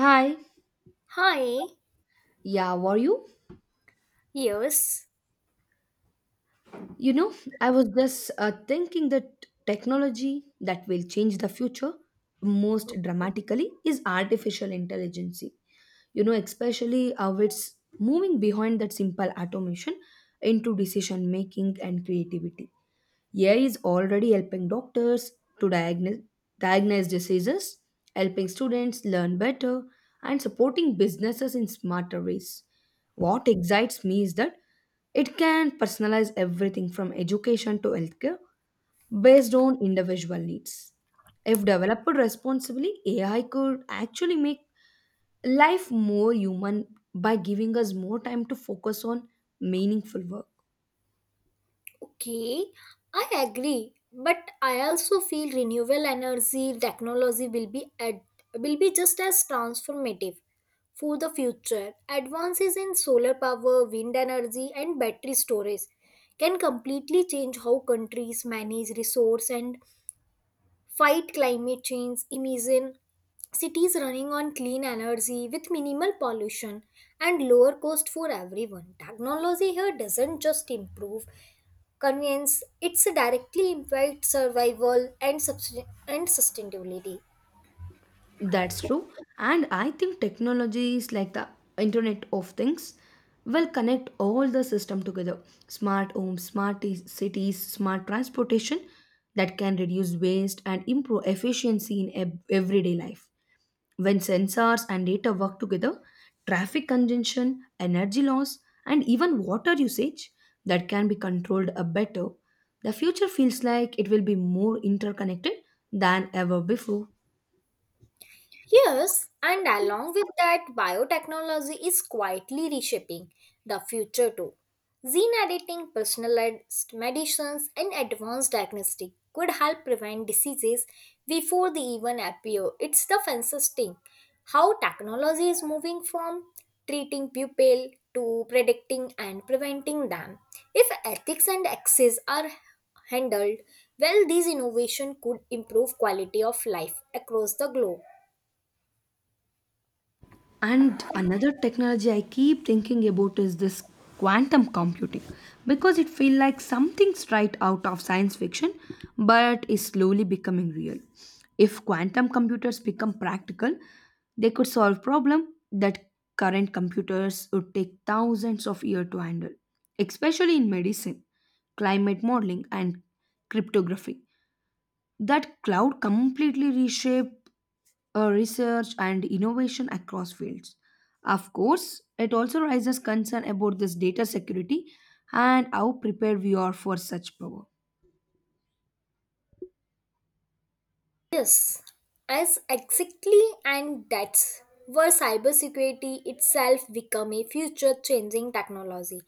Hi. Hi, Yeah, were you? yes, You know, I was just thinking that technology that will change the future most dramatically is artificial intelligence. You know, especially how it's moving behind that simple automation into decision making and creativity. AI is already helping doctors to diagnose diseases, helping students learn better, and supporting businesses in smarter ways. What excites me is that it can personalize everything from education to healthcare based on individual needs. If developed responsibly, AI could actually make life more human by giving us more time to focus on meaningful work. okay, I agree, but I also feel renewable energy technology will be just as transformative for the future. Advances in solar power, wind energy, and battery storage can completely change how countries manage resource and fight climate change, imagine cities running on clean energy with minimal pollution and lower cost for everyone. Technology here doesn't just improve convenience, it directly impacts survival and sustainability. That's true. And I think technology is like the Internet of Things will connect all the system together. Smart homes, cities, smart transportation that can reduce waste and improve efficiency in everyday life. When sensors and data work together, traffic congestion, energy loss, and even water usage that can be controlled better, the future feels like it will be more interconnected than ever before. Yes, and along with that, biotechnology is quietly reshaping the future too. Gene editing, personalized medicines, and advanced diagnostic could help prevent diseases before they even appear. It's the fascinating how technology is moving from treating people to predicting and preventing them. If ethics and access are handled well, these innovation could improve quality of life across the globe. And another technology I keep thinking about is this quantum computing because it feels like something straight out of science fiction but is slowly becoming real. If quantum computers become practical, they could solve problems that current computers would take thousands of years to handle, especially in medicine, climate modeling, and cryptography. That cloud completely reshaped research and innovation across fields. Of course, it also raises concern about this data security and how prepared we are for such power. Yes, as exactly, and that's where cybersecurity itself become a future-changing technology.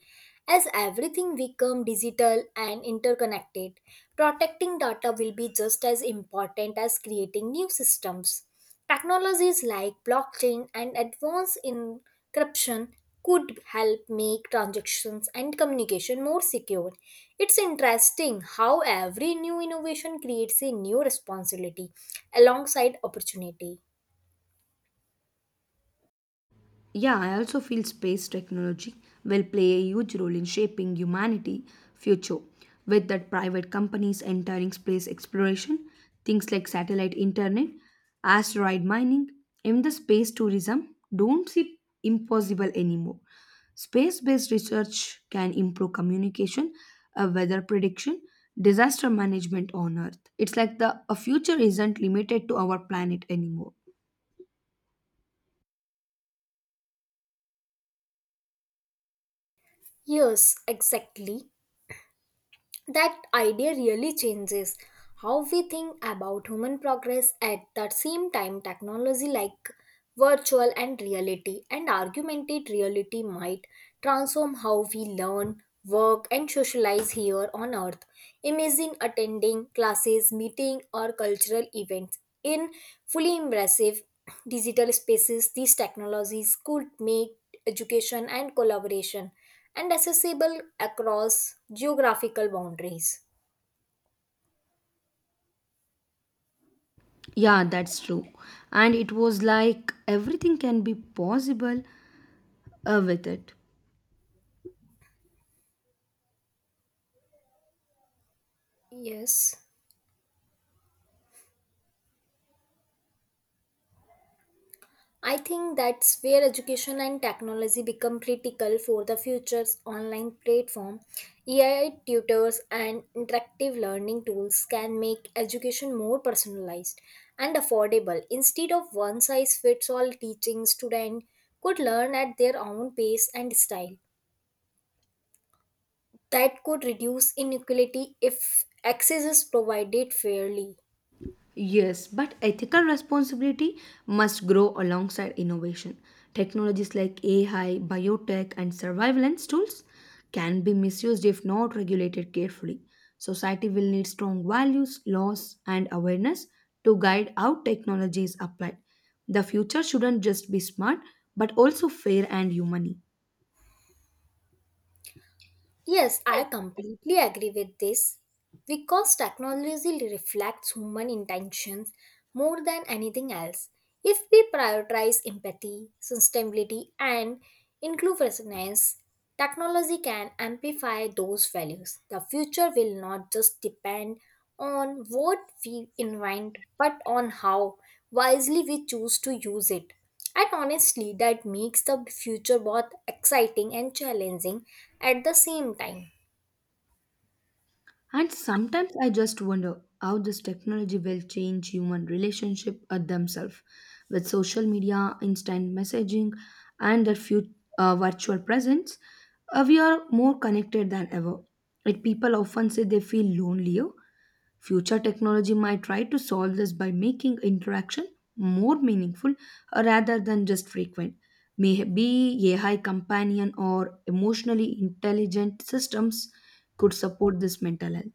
As everything become digital and interconnected, protecting data will be just as important as creating new systems. Technologies like blockchain and advanced encryption could help make transactions and communication more secure. It's interesting how every new innovation creates a new responsibility alongside opportunity. Yeah, I also feel space technology will play a huge role in shaping humanity future. With that private companies entering space exploration, things like satellite internet, asteroid mining, and the space tourism don't seem impossible anymore. Space-based research can improve communication, weather prediction, disaster management on Earth. It's like the a future isn't limited to our planet anymore. Yes, exactly. That idea really changes how we think about human progress at that same time technology like virtual and reality and augmented reality might transform how we learn work and socialize here on earth imagine attending classes meeting or cultural events in fully immersive digital spaces these technologies could make education and collaboration and accessible across geographical boundaries. Yeah, that's true. And it was like everything can be possible with it. Yes, I think that's where education and technology become critical for the future's online platform. AI tutors and interactive learning tools can make education more personalized and affordable instead of one size fits all teaching students could learn at their own pace and style that could reduce inequality if access is provided fairly. Yes, but ethical responsibility must grow alongside innovation. Technologies like AI, biotech, and surveillance tools can be misused if not regulated carefully. Society will need strong values, laws, and awareness to guide how technology is applied. The future shouldn't just be smart, but also fair and human. Yes, I completely agree with this. Because technology reflects human intentions more than anything else. If we prioritize empathy, sustainability, and inclusiveness, technology can amplify those values. The future will not just depend on what we invent, but on how wisely we choose to use it. And honestly, that makes the future both exciting and challenging at the same time. And sometimes I just wonder how this technology will change human relationship at themselves with social media, instant messaging, and virtual presence. We are more connected than ever. Like people often say they feel lonelier. Future technology might try to solve this by making interaction more meaningful rather than just frequent. Maybe AI companion or emotionally intelligent systems could support this mental health,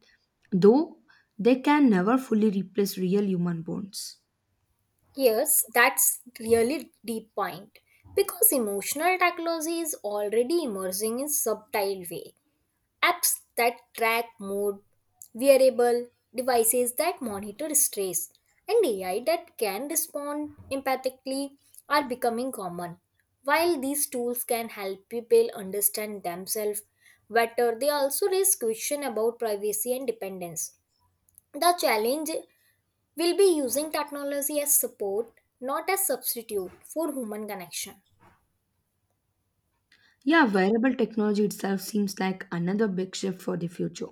though they can never fully replace real human bonds. Yes, that's really deep point. Because emotional technology is already emerging in subtle way. Apps that track mood, wearable devices that monitor stress, and AI that can respond empathically are becoming common. While these tools can help people understand themselves better, they also raise questions about privacy and dependence. The challenge we'll be using technology as support, not as substitute for human connection. Yeah, wearable technology itself seems like another big shift for the future.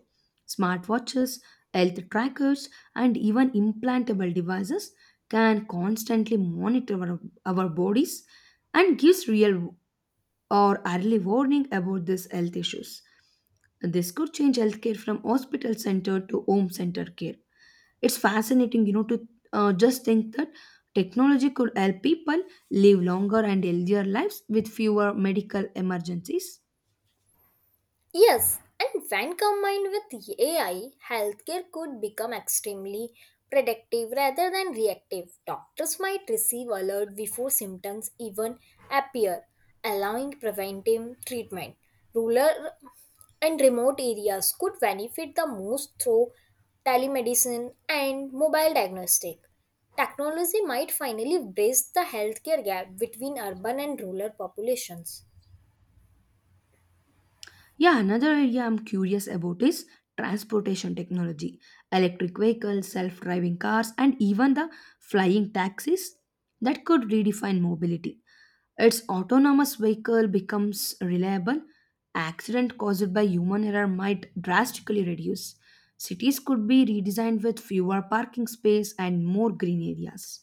Smartwatches, health trackers, and even implantable devices can constantly monitor our bodies and gives real or early warning about these health issues. This could change healthcare from hospital center to home center care. It's fascinating, you know, to just think that technology could help people live longer and healthier lives with fewer medical emergencies. Yes, and when combined with AI, healthcare could become extremely predictive rather than reactive. Doctors might receive alert before symptoms even appear, allowing preventive treatment. Rural and remote areas could benefit the most through telemedicine and mobile diagnostic. Technology might finally bridge the healthcare gap between urban and rural populations. Yeah, another area I'm curious about is transportation technology. Electric vehicles, self driving cars, and even the flying taxis that could redefine mobility. Its autonomous vehicle becomes reliable, accident caused by human error might drastically reduce. Cities could be redesigned with fewer parking space and more green areas.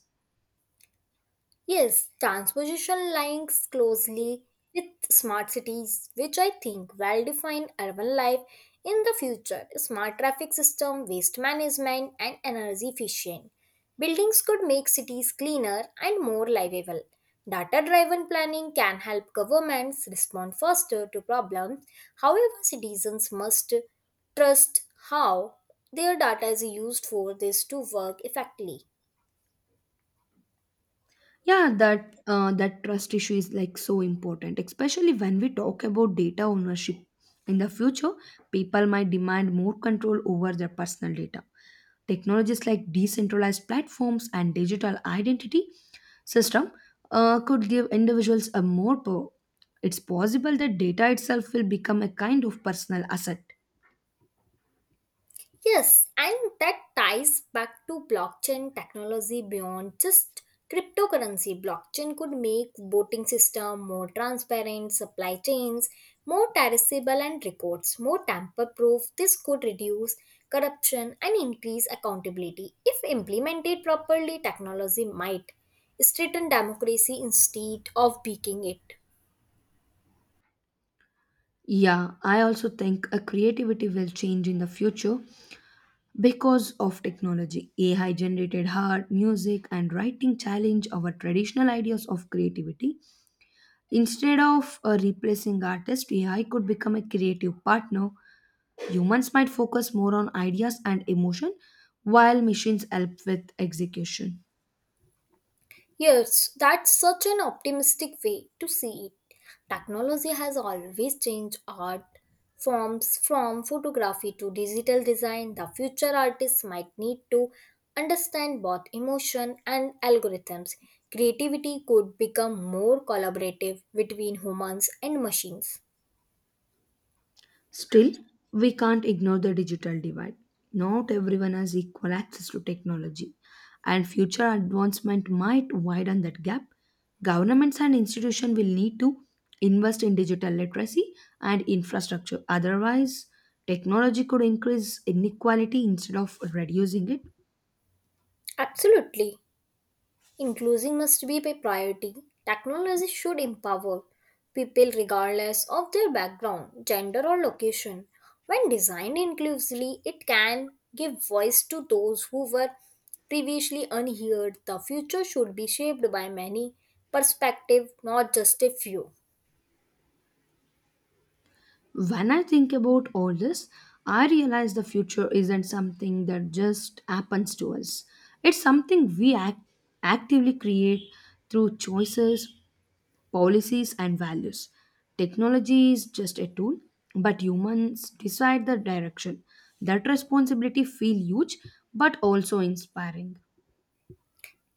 Yes, transposition links closely with smart cities, which I think will define urban life in the future. Smart traffic system, waste management, and energy efficient buildings could make cities cleaner and more livable. Data driven planning can help governments respond faster to problems. However, citizens must trust how their data is used for this to work effectively. Yeah, that trust issue is like so important, especially when we talk about data ownership. In the future, people might demand more control over their personal data. Technologies like decentralized platforms and digital identity system could give individuals a more power. It's possible that data itself will become a kind of personal asset. Yes, and that ties back to blockchain technology beyond just cryptocurrency. Blockchain could make voting system more transparent, supply chains more traceable and records more tamper proof. This could reduce corruption and increase accountability. If implemented properly, technology might strengthen democracy instead of weakening it. Yeah, I also think a creativity will change in the future. Because of technology, AI generated art, music, and writing challenge our traditional ideas of creativity. Instead of replacing artists, AI could become a creative partner. Humans might focus more on ideas and emotion, while machines help with execution. Yes, that's such an optimistic way to see it. Technology has always changed art forms from photography to digital design. The future artists might need to understand both emotion and algorithms. Creativity could become more collaborative between humans and machines. Still, we can't ignore the digital divide. Not everyone has equal access to technology, and future advancement might widen that gap. Governments and institutions will need to invest in digital literacy and infrastructure. Otherwise, technology could increase inequality instead of reducing it. Absolutely. Inclusion must be a priority. Technology should empower people regardless of their background, gender, or location. When designed inclusively, it can give voice to those who were previously unheard. The future should be shaped by many perspectives, not just a few. When I think about all this, I realize the future isn't something that just happens to us. It's something we actively create through choices, policies, and values. Technology is just a tool, but humans decide the direction. That responsibility feels huge but also inspiring.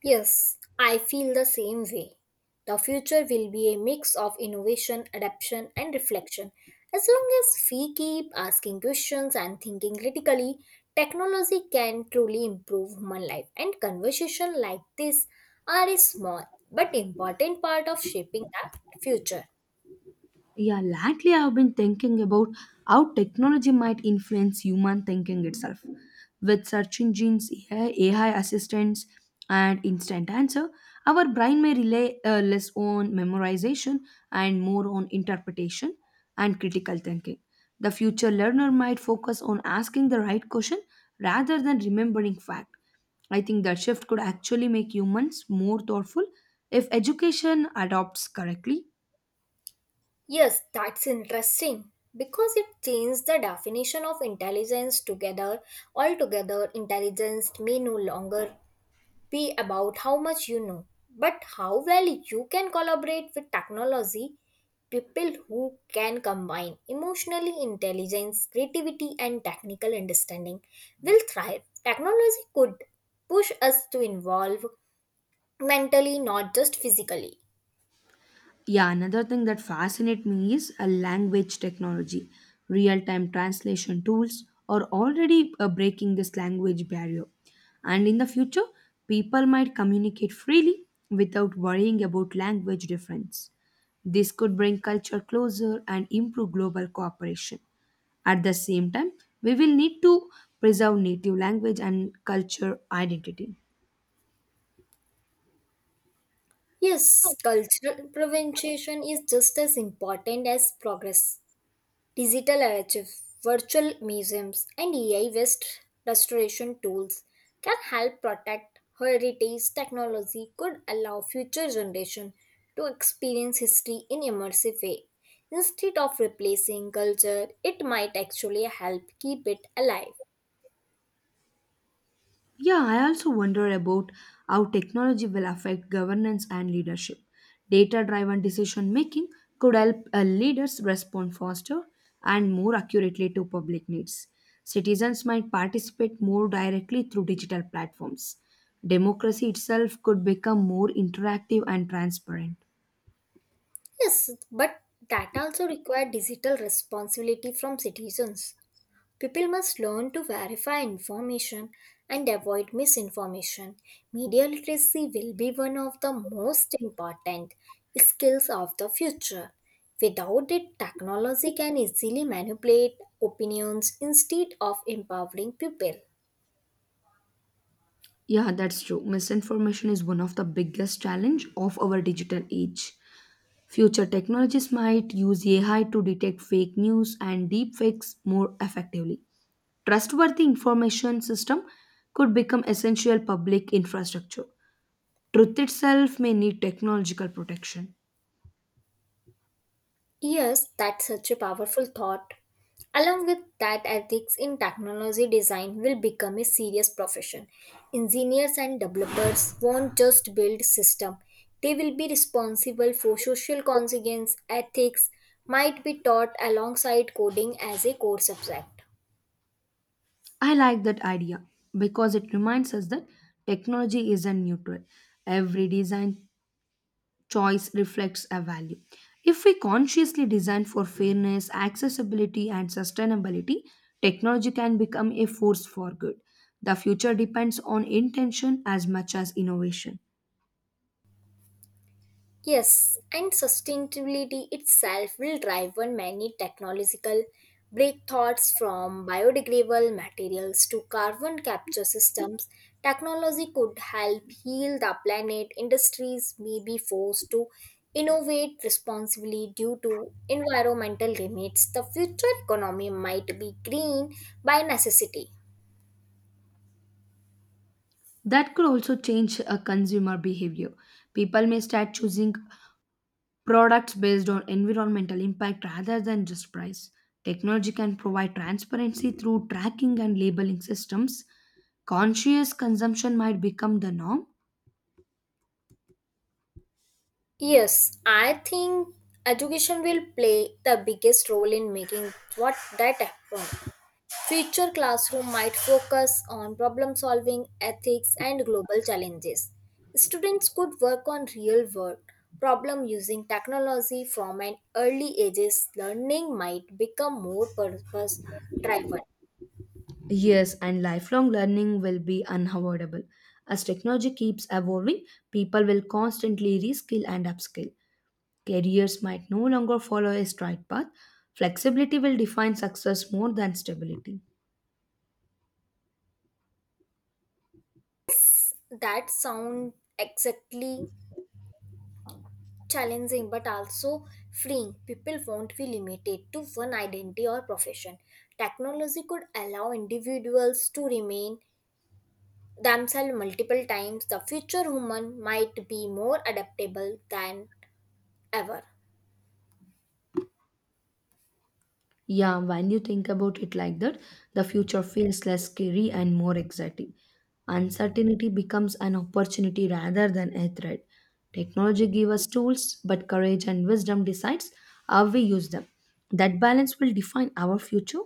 Yes, I feel the same way. The future will be a mix of innovation, adaptation, and reflection. As long as we keep asking questions and thinking critically, technology can truly improve human life. And conversations like this are a small but important part of shaping that future. Yeah, lately I've been thinking about how technology might influence human thinking itself. With search engines, AI assistants, and instant answer, our brain may rely less on memorization and more on interpretation and critical thinking. The future learner might focus on asking the right question rather than remembering fact. I think that shift could actually make humans more thoughtful if education adopts correctly. Yes, that's interesting because it changed the definition of intelligence together. Altogether, intelligence may no longer be about how much you know, but how well you can collaborate with technology. People who can combine emotionally intelligence, creativity, and technical understanding will thrive. Technology could push us to evolve mentally, not just physically. Yeah, another thing that fascinates me is a language technology. Real time translation tools are already breaking this language barrier. And in the future, people might communicate freely without worrying about language difference. This could bring culture closer and improve global cooperation. At the same time, we will need to preserve native language and culture identity. Yes, cultural prevention is just as important as progress. Digital archive, virtual museums, and AI based restoration tools can help protect heritage. Technology could allow future generations to experience history in immersive way. Instead of replacing culture, it might actually help keep it alive. Yeah, I also wonder about how technology will affect governance and leadership. Data driven decision making could help leaders respond faster and more accurately to public needs. Citizens might participate more directly through digital platforms. Democracy itself could become more interactive and transparent. Yes, but that also requires digital responsibility from citizens. People must learn to verify information and avoid misinformation. Media literacy will be one of the most important skills of the future. Without it, technology can easily manipulate opinions instead of empowering people. Yeah, that's true. Misinformation is one of the biggest challenge of our digital age. Future technologies might use AI to detect fake news and deepfakes more effectively. Trustworthy information system could become essential public infrastructure. Truth itself may need technological protection. Yes, that's such a powerful thought. Along with that, ethics in technology design will become a serious profession. Engineers and developers won't just build system. They will be responsible for social consequence. Ethics might be taught alongside coding as a core subject. I like that idea because it reminds us that technology isn't neutral. Every design choice reflects a value. If we consciously design for fairness, accessibility, and sustainability, technology can become a force for good. The future depends on intention as much as innovation. Yes, and sustainability itself will drive on many technological breakthroughs from biodegradable materials to carbon capture systems. Technology could help heal the planet. Industries may be forced to innovate responsibly due to environmental limits. The future economy might be green by necessity. That could also change a consumer behavior. People may start choosing products based on environmental impact rather than just price. Technology can provide transparency through tracking and labeling systems. Conscious consumption might become the norm. Yes, I think education will play the biggest role in making what that happen. Future classroom might focus on problem solving, ethics, and global challenges. Students could work on real world problem using technology from an early ages. Learning might become more purpose driven. Yes, and lifelong learning will be unavoidable. As technology keeps evolving, people will constantly reskill and upskill. Careers might no longer follow a straight path. Flexibility will define success more than stability. That sound exactly challenging but also freeing. People won't be limited to one identity or profession. Technology could allow individuals to remain themselves multiple times, the future human might be more adaptable than ever. Yeah, when you think about it like that, the future feels less scary and more exciting. Uncertainty becomes an opportunity rather than a threat. Technology gives us tools, but courage and wisdom decides how we use them. That balance will define our future.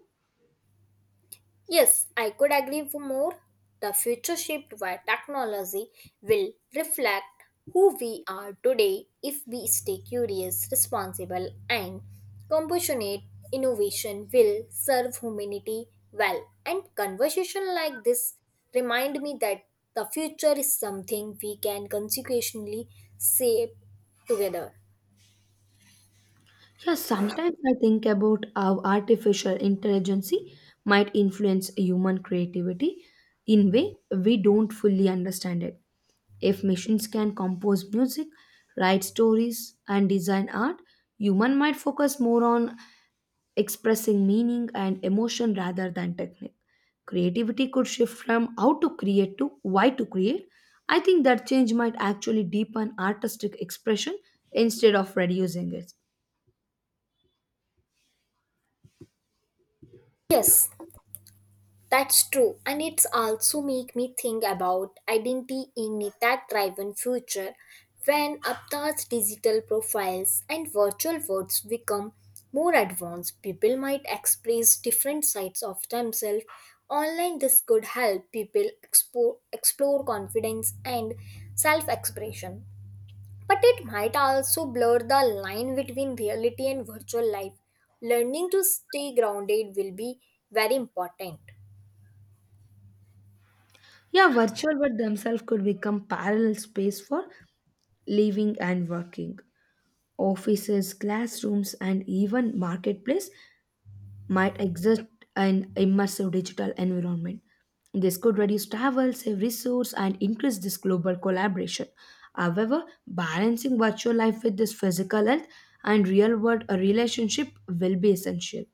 Yes, I could agree for more. The future shaped by technology will reflect who we are today if we stay curious, responsible, and compassionate. Innovation will serve humanity well. And conversation like this remind me that the future is something we can consequently shape together. Yeah, sometimes I think about how artificial intelligence might influence human creativity in way we don't fully understand it. If machines can compose music, write stories, and design art, human might focus more on expressing meaning and emotion rather than technique. Creativity could shift from how to create to why to create. I think that change might actually deepen artistic expression instead of reducing it. Yes, that's true, and it's also make me think about identity in a tech-driven future when Aptar's digital profiles and virtual worlds become more advanced. People might express different sides of themselves online. This could help people explore confidence and self-expression, but it might also blur the line between reality and virtual life. Learning to stay grounded will be very important. Yeah, virtual world themselves could become parallel space for living and working. Offices, classrooms, and even marketplace might exist in immersive digital environment. This could reduce travel, save resource, and increase this global collaboration. However, balancing virtual life with this physical health and real world relationship will be essential.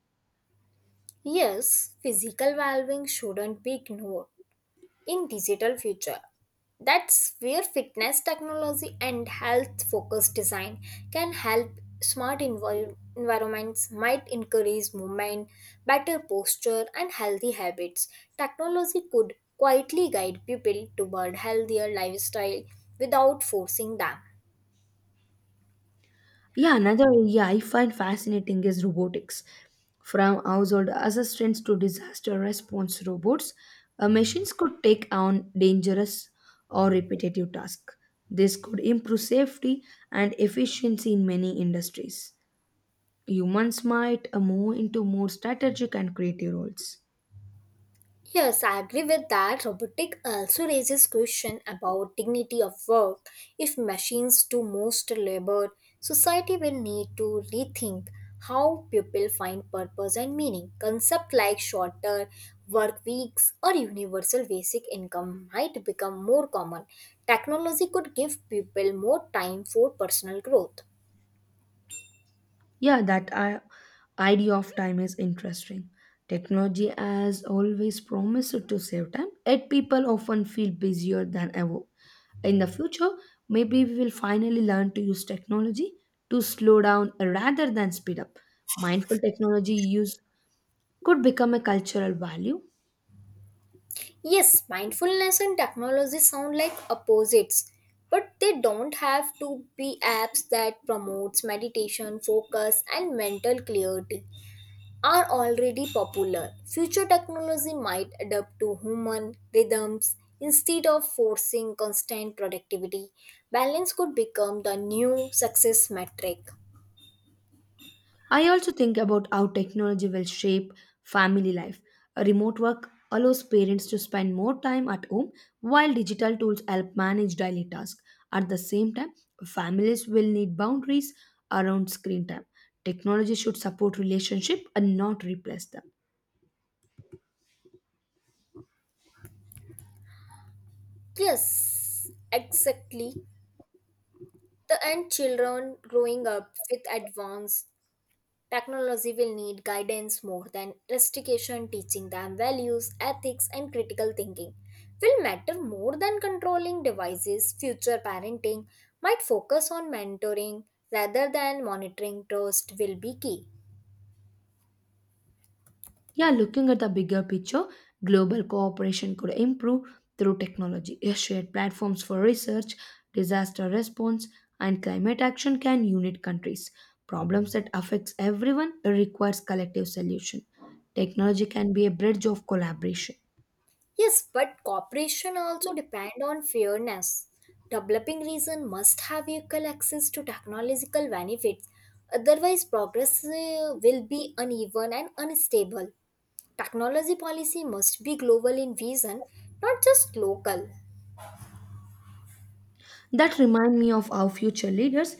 Yes, physical well-being shouldn't be ignored in digital future. That's where fitness technology and health-focused design can help. Environments might encourage movement, better posture, and healthy habits. Technology could quietly guide people toward healthier lifestyle without forcing them. Yeah, another area I find fascinating is robotics. From household assistants to disaster response robots, machines could take on dangerous or repetitive tasks. This could improve safety and efficiency in many industries. Humans might move into more strategic and creative roles. Yes, I agree with that. Robotic also raises question about dignity of work. If machines do most labor, society will need to rethink how people find purpose and meaning. Concepts like shorter work weeks or universal basic income might become more common. Technology could give people more time for personal growth. Yeah, idea of time is interesting. Technology has always promised to save time, yet people often feel busier than ever. In the future, maybe we will finally learn to use technology to slow down rather than speed up. Mindful technology use could become a cultural value. Yes, mindfulness and technology sound like opposites, but they don't have to be apps that promotes meditation, focus and mental clarity are already popular. Future technology might adapt to human rhythms instead of forcing constant productivity. Balance could become the new success metric. I also think about how technology will shape family life. A remote work allows parents to spend more time at home, while digital tools help manage daily tasks. At the same time, families will need boundaries around screen time. Technology should support relationship and not replace them. Yes, exactly. The and children growing up with advanced technology will need guidance more than restriction, teaching them values, ethics, and critical thinking will matter more than controlling devices. Future parenting might focus on mentoring rather than monitoring. Trust will be key. Yeah, looking at the bigger picture, global cooperation could improve through technology. A shared platforms for research, disaster response, and climate action can unite countries. Problems that affects everyone requires collective solution. Technology can be a bridge of collaboration. Yes, but cooperation also depend on fairness. Developing region must have equal access to technological benefits. Otherwise, progress will be uneven and unstable. Technology policy must be global in vision, not just local. That remind me of how future leaders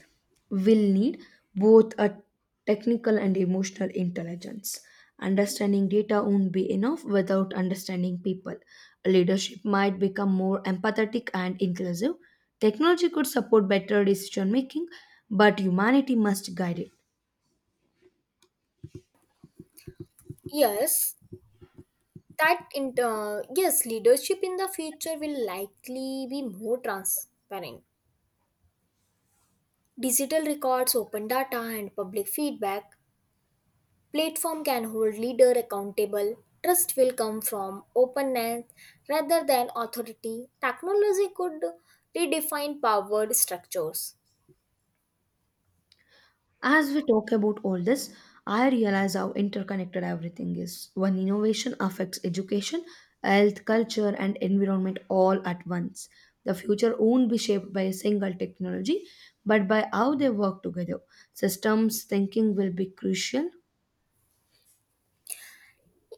will need both a technical and emotional intelligence. Understanding data won't be enough without understanding people. Leadership might become more empathetic and inclusive. Technology could support better decision making, but humanity must guide it. Yes, yes, leadership in the future will likely be more transparent. Digital records, open data, and public feedback platform can hold leader accountable. Trust will come from openness rather than authority. Technology could redefine power structures. As we talk about all this, I realize how interconnected everything is. One innovation affects education, health, culture, and environment all at once. The future won't be shaped by a single technology, but by how they work together. Systems thinking will be crucial.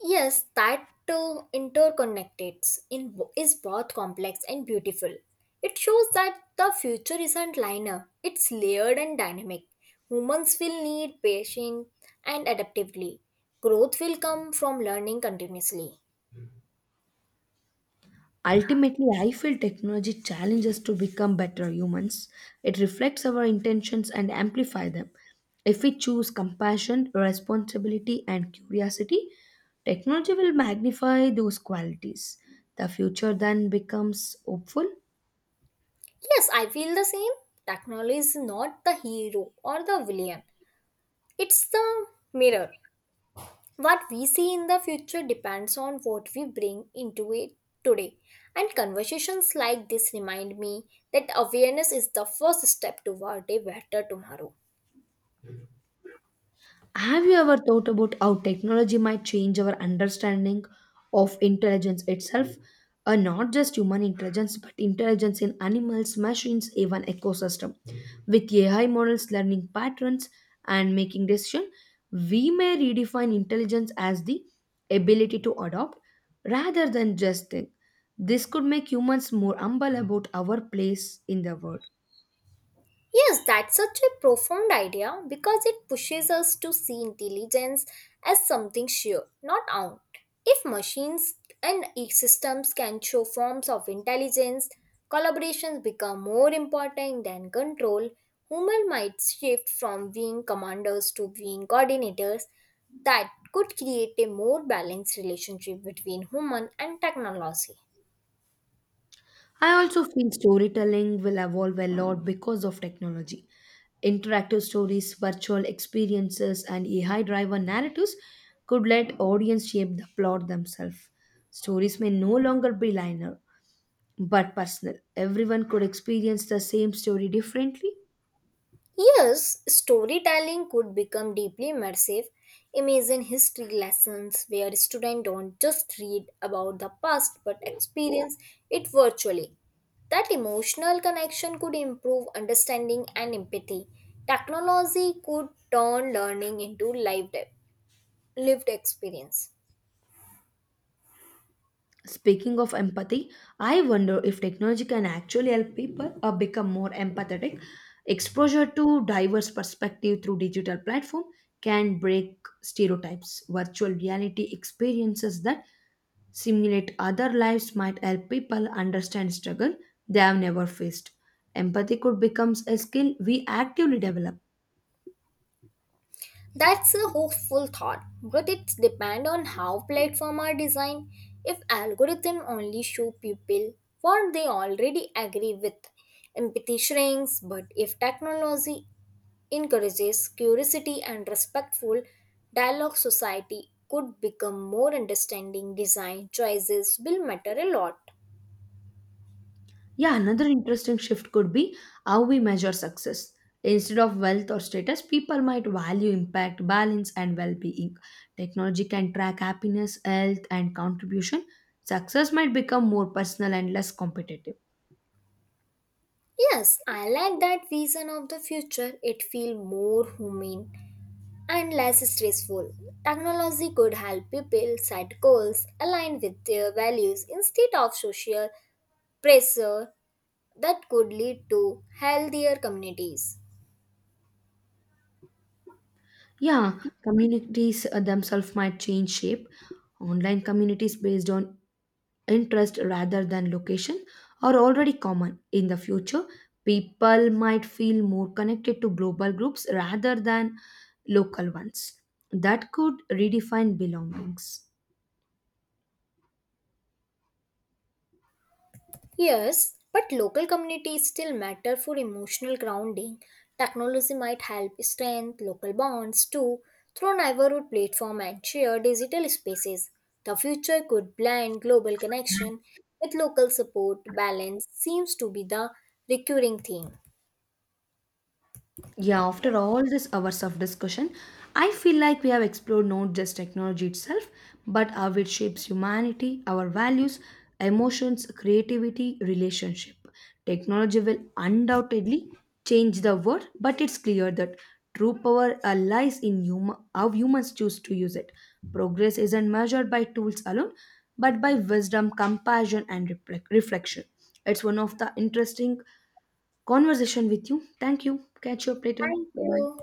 Yes, that interconnected is both complex and beautiful. It shows that the future isn't linear, it's layered and dynamic. Humans will need patience and adaptively. Growth will come from learning continuously. Ultimately, I feel technology challenges to become better humans. It reflects our intentions and amplify them. If we choose compassion, responsibility, and curiosity, technology will magnify those qualities. The future then becomes hopeful. Yes, I feel the same. Technology is not the hero or the villain, it's the mirror. What we see in the future depends on what we bring into it today. And conversations like this remind me that awareness is the first step toward a better tomorrow. Have you ever thought about how technology might change our understanding of intelligence itself? Not just human intelligence, but intelligence in animals, machines, even ecosystem. With AI models learning patterns and making decisions, we may redefine intelligence as the ability to adopt rather than just think. This could make humans more humble about our place in the world. Yes, that's such a profound idea because it pushes us to see intelligence as something sheer, not out. If machines and systems can show forms of intelligence, collaborations become more important than control. Humans might shift from being commanders to being coordinators that could create a more balanced relationship between human and technology. I also feel storytelling will evolve a lot because of technology. Interactive stories, virtual experiences, and AI driven narratives could let audience shape the plot themselves. Stories may no longer be linear, but personal. Everyone could experience the same story differently. Yes, storytelling could become deeply immersive. Imagine history lessons where students don't just read about the past but experience it virtually. That emotional connection could improve understanding and empathy. Technology could turn learning into lived experience. Speaking of empathy, I wonder if technology can actually help people become more empathetic. Exposure to diverse perspective through digital platform can break stereotypes. Virtual reality experiences that simulate other lives might help people understand struggle they have never faced. Empathy could become a skill we actively develop. That's a hopeful thought, but it depends on how platforms are designed. If algorithms only show people what they already agree with, empathy shrinks. But if technology encourages curiosity and respectful dialogue, society could become more understanding. Design choices will matter a lot. Yeah, another interesting shift could be how we measure success. Instead of wealth or status, people might value impact, balance, and well being. Technology can track happiness, health, and contribution. Success might become more personal and less competitive. Yes, I like that vision of the future. It feels more humane and less stressful. Technology could help people set goals aligned with their values instead of social pressure that could lead to healthier communities. Yeah, communities themselves might change shape. Online communities based on interest rather than location are already common. In the future, people might feel more connected to global groups rather than local ones. That could redefine belongings. Yes, but local communities still matter for emotional grounding. Technology might help strengthen local bonds too through neighborhood platform and shared digital spaces. The future could blend global connection with local support. Balance seems to be the recurring theme. Yeah, after all these hours of discussion, I feel like we have explored not just technology itself, but how it shapes humanity, our values, emotions, creativity, relationship. Technology will undoubtedly change the world, but it's clear that true power lies in how humans choose to use it. Progress isn't measured by tools alone, but by wisdom, compassion, and reflection. It's one of the interesting conversation with you. Thank you. Catch you up later. Thank Bye bye. you.